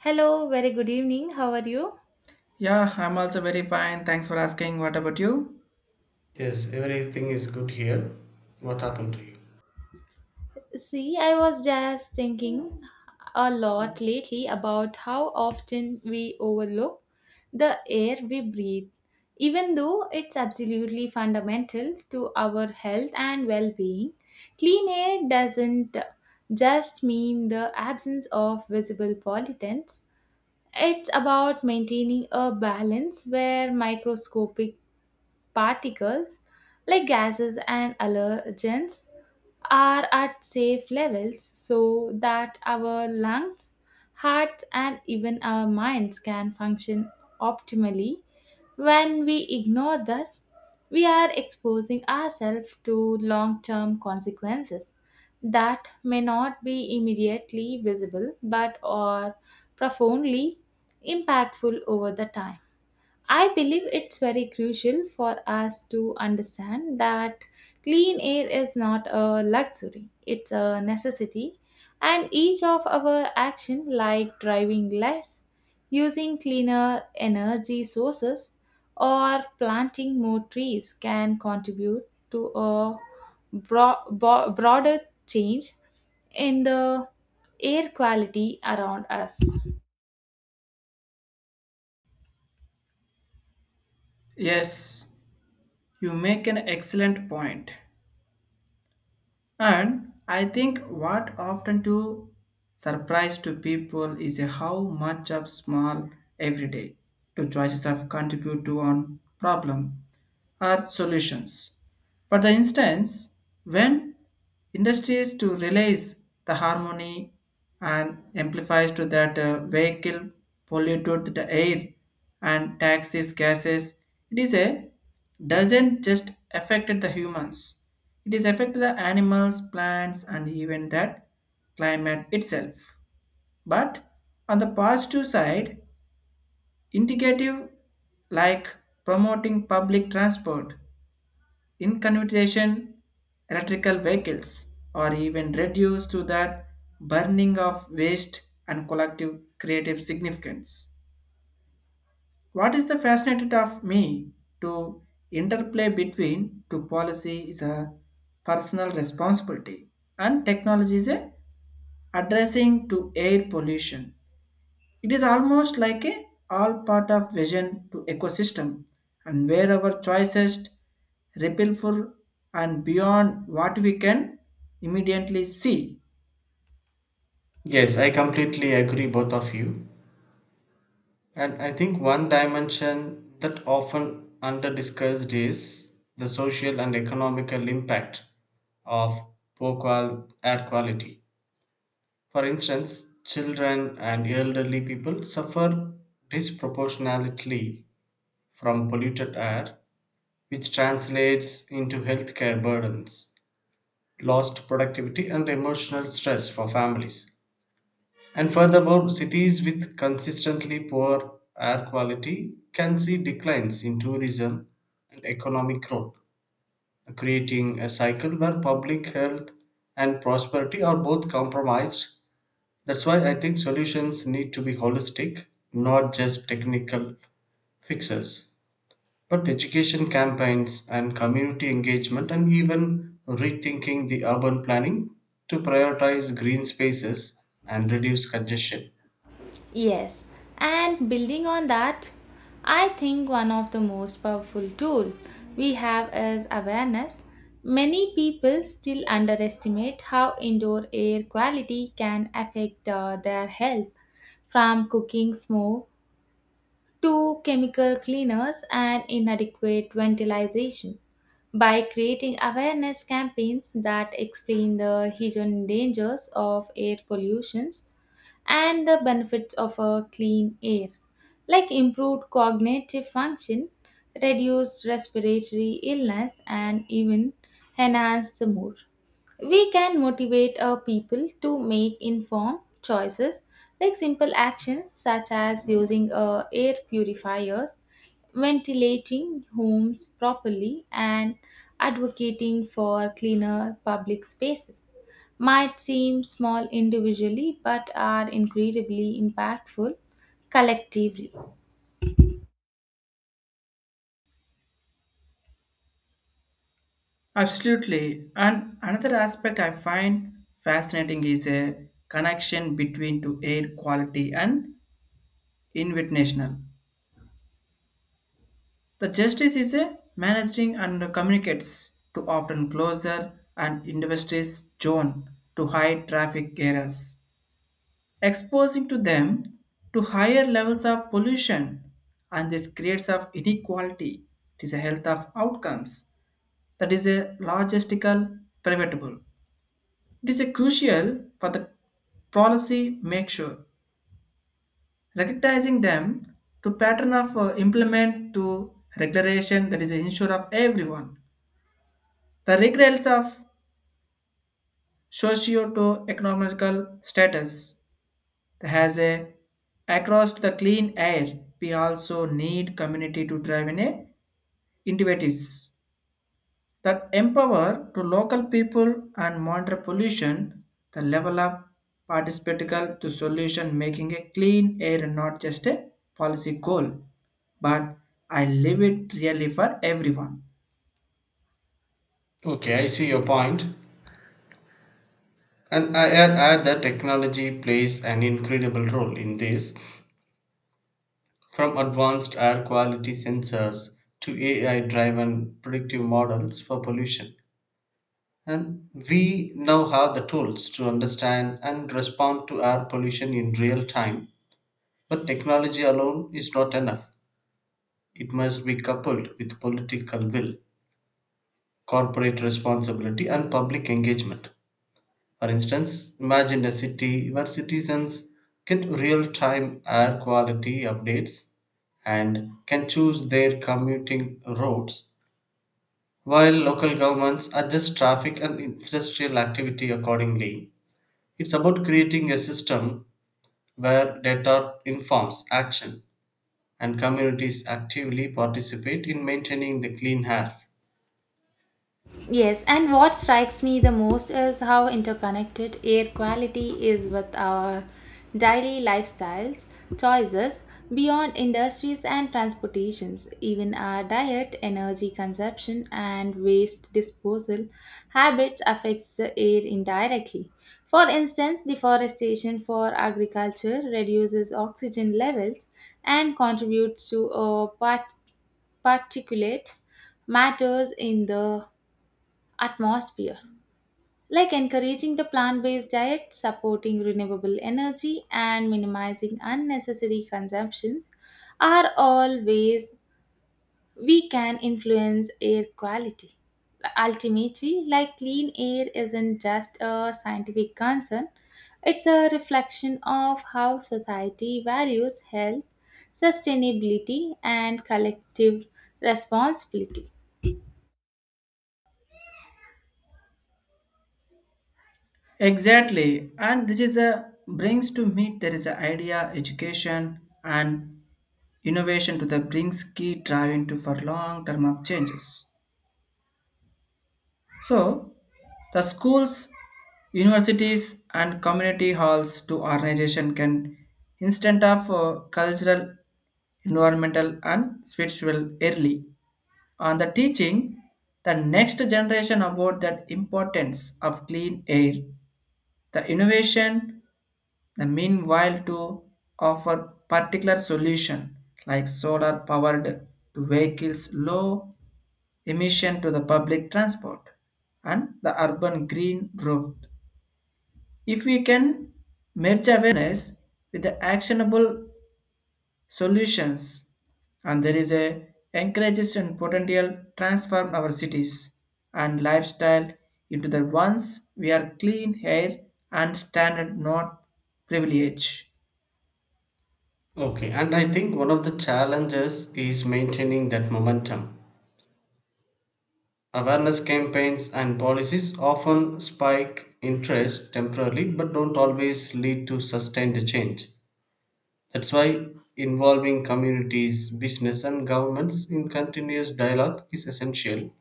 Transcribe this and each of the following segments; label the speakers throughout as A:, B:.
A: Hello, very good evening. How are you?
B: Yeah, I'm also very fine. Thanks for asking. What about you?
C: Yes, everything is good here. What happened to you?
A: See, I was just thinking a lot lately about how often we overlook the air we breathe, even though it's absolutely fundamental to our health and well being. Clean air doesn't just mean the absence of visible pollutants, it's about maintaining a balance where microscopic particles like gases and allergens are at safe levels so that our lungs, hearts, and even our minds can function optimally. When we ignore this, we are exposing ourselves to long term consequences that may not be immediately visible but are profoundly impactful over the time. I believe it's very crucial for us to understand that clean air is not a luxury, it's a necessity, and each of our action like driving less, using cleaner energy sources, or planting more trees can contribute to a broader change in the air quality around us.
B: Yes, you make an excellent point. And I think what often to surprise to people is how much of small everyday to choices of contribute to on problem are solutions. For the instance, when industries to release the harmony and amplifies to that vehicle polluted the air and taxes gases, it is a doesn't just affect the humans. It is affect the animals, plants, and even that climate itself. But on the positive side, indicative like promoting public transport in conversation, electrical vehicles are even reduced to that burning of waste and collective creative significance. What is the fascinated of me to interplay between two policy is a personal responsibility and technology is a addressing to air pollution it is almost like a all part of vision to ecosystem and where our choices ripple for and beyond what we can immediately see.
C: Yes, I completely agree, both of you. And I think one dimension that often under discussed is the social and economical impact of air quality. For instance, children and elderly people suffer disproportionately from polluted air, which translates into healthcare burdens, lost productivity, and emotional stress for families. And furthermore, cities with consistently poor air quality can see declines in tourism and economic growth, creating a cycle where public health and prosperity are both compromised. That's why I think solutions need to be holistic, not just technical fixes, but education campaigns and community engagement, and even rethinking the urban planning to prioritize green spaces and reduce congestion.
A: Yes, and building on that, I think one of the most powerful tool we have is awareness. Many people still underestimate how indoor air quality can affect their health, from cooking smoke to chemical cleaners and inadequate ventilation. By creating awareness campaigns that explain the hidden dangers of air pollutions and the benefits of a clean air, like improved cognitive function, reduced respiratory illness, and even enhanced the mood. We can motivate our people to make informed choices like simple actions such as using air purifiers, ventilating homes properly, and advocating for cleaner public spaces. Might seem small individually but are incredibly impactful collectively.
B: Absolutely. And another aspect I find fascinating is a connection between to air quality and invitational. The justice is a managing and communicates to often closer and industries zone to high traffic areas exposing to them to higher levels of pollution and this creates of inequality it is a health of outcomes that is a logistical preventable it is a crucial for the policy make sure recognizing them to pattern of implement to regulation that is ensure of everyone the regulates of socio to economical status. That has a across the clean air. We also need community to drive in a innovatives that empower to local people and monitor pollution. The level of participatical to solution making a clean air not just a policy goal, but I live it really for everyone.
C: Okay, I see your point. And I add that technology plays an incredible role in this, from advanced air quality sensors to AI driven predictive models for pollution. And we now have the tools to understand and respond to air pollution in real time. But technology alone is not enough. It must be coupled with political will, corporate responsibility, and public engagement. For instance, imagine a city where citizens get real time air quality updates and can choose their commuting routes, while local governments adjust traffic and industrial activity accordingly. It's about creating a system where data informs action and communities actively participate in maintaining the clean air.
A: Yes, and what strikes me the most is how interconnected air quality is with our daily lifestyles, choices, beyond industries and transportations. Even our diet, energy consumption, and waste disposal habits affects the air indirectly. For instance, deforestation for agriculture reduces oxygen levels and contributes to a particulate matters in the atmosphere, like encouraging the plant based diet, supporting renewable energy, and minimizing unnecessary consumption, are all ways we can influence air quality. Ultimately, like clean air isn't just a scientific concern, it's a reflection of how society values health, sustainability, and collective responsibility.
B: Exactly, and this is a brings to me there is an idea education and innovation to the brings key driving to for long term of changes. So, the schools, universities, and community halls to organization can instant of cultural, environmental, and spiritual early. On the teaching, the next generation about that importance of clean air, the innovation. The meanwhile to offer particular solution like solar powered to vehicles low emission to the public transport and the urban green roof. If we can merge awareness with the actionable solutions and there is a encourages and potential transform our cities and lifestyle into the ones we are clean air and standard not privilege.
C: Okay, and I think one of the challenges is maintaining that momentum. Awareness campaigns and policies often spike interest temporarily but don't always lead to sustained change. That's why involving communities, business, and governments in continuous dialogue is essential.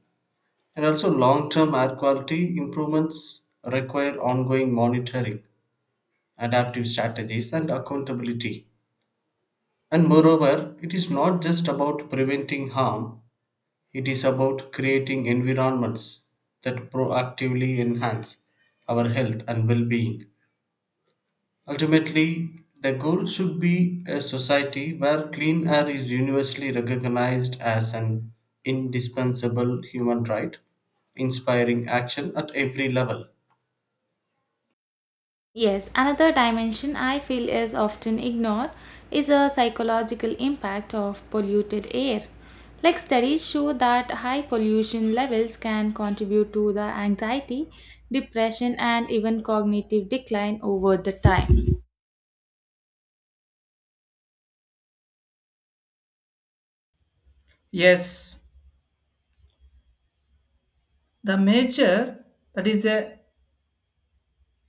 C: And also, long term air quality improvements require ongoing monitoring, adaptive strategies, and accountability. And moreover, it is not just about preventing harm, it is about creating environments that proactively enhance our health and well being. Ultimately, the goal should be a society where clean air is universally recognized as an indispensable human right, inspiring action at every level.
A: Yes, another dimension I feel is often ignored is a psychological impact of polluted air. Like studies show that high pollution levels can contribute to the anxiety, depression and even cognitive decline over the time.
B: Yes, the major that is a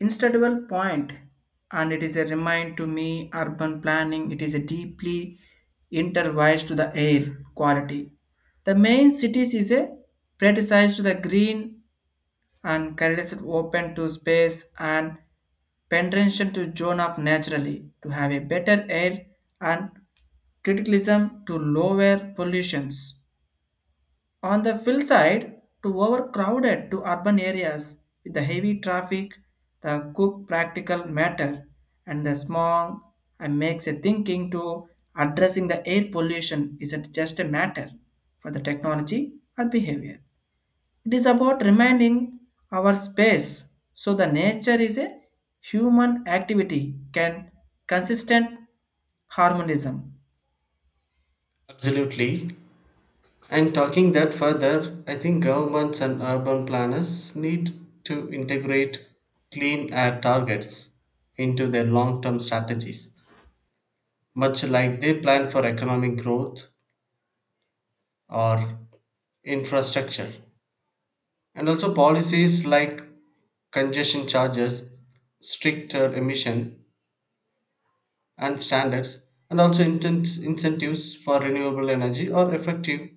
B: instable point and it is a remind to me urban planning it is a deeply intertwined to the air quality. The main cities is a prioritized to the green and corridors open to space and penetration to zone of naturally to have a better air and criticism to lower pollutions. On the fill side, to overcrowded to urban areas with the heavy traffic, the cook practical matter and the smog and makes a thinking to addressing the air pollution isn't just a matter for the technology or behavior. It is about reminding our space so the nature is a human activity can consistent harmonism.
C: Absolutely. And talking that further, I think governments and urban planners need to integrate clean air targets into their long term strategies much like they plan for economic growth or infrastructure. And also policies like congestion charges, stricter emission and standards, and also incentives for renewable energy are effective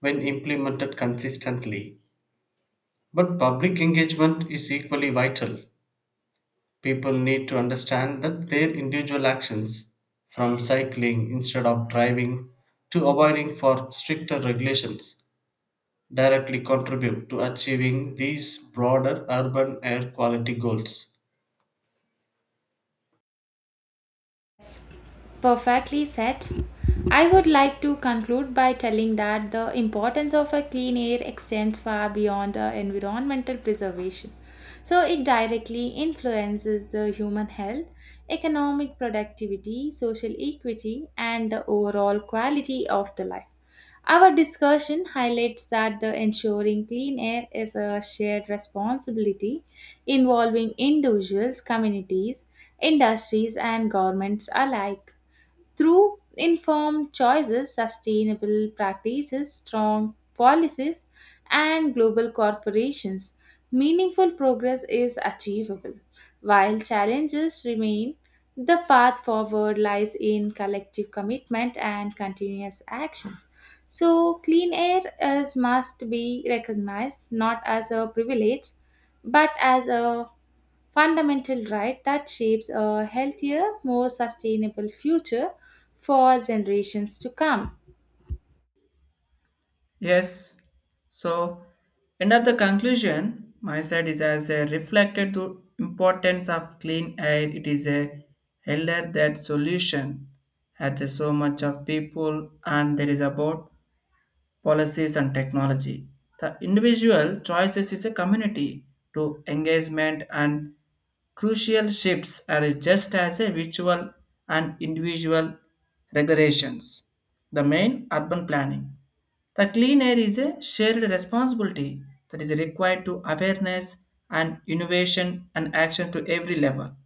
C: when implemented consistently. But public engagement is equally vital. People need to understand that their individual actions, from cycling instead of driving to avoiding for stricter regulations, directly contribute to achieving these broader urban air quality goals.
A: Perfectly said. I would like to conclude by telling that the importance of a clean air extends far beyond the environmental preservation. So it directly influences the human health, economic productivity, social equity, and the overall quality of the life. Our discussion highlights that the ensuring clean air is a shared responsibility involving individuals, communities, industries, and governments alike. Through informed choices, sustainable practices, strong policies, and global corporations, meaningful progress is achievable. While challenges remain, the path forward lies in collective commitment and continuous action. So, clean air is must be recognized not as a privilege but as a fundamental right that shapes a healthier, more sustainable future for generations to come.
B: Yes. So, end of the conclusion, my side is as a reflected to importance of clean air. It is a elder that solution at the so much of people and there is about policies and technology. The individual choices is a community to engagement and crucial shifts are just as a virtual and individual regulations. The main urban planning. The clean air is a shared responsibility that is required to awareness and innovation and action to every level.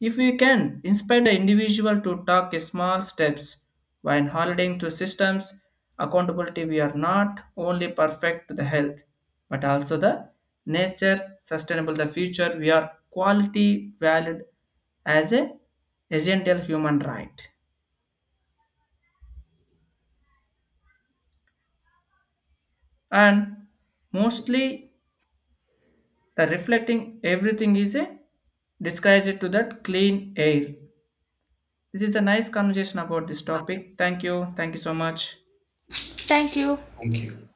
B: If we can inspire the individual to take small steps while holding to systems accountability, we are not only perfect to the health, but also the nature, sustainable the future. We are quality valued as a essential human right and mostly the reflecting everything is a disguise to that clean air. This is a nice conversation about this topic. Thank you. Thank you so much.
A: Thank you.
C: Thank you.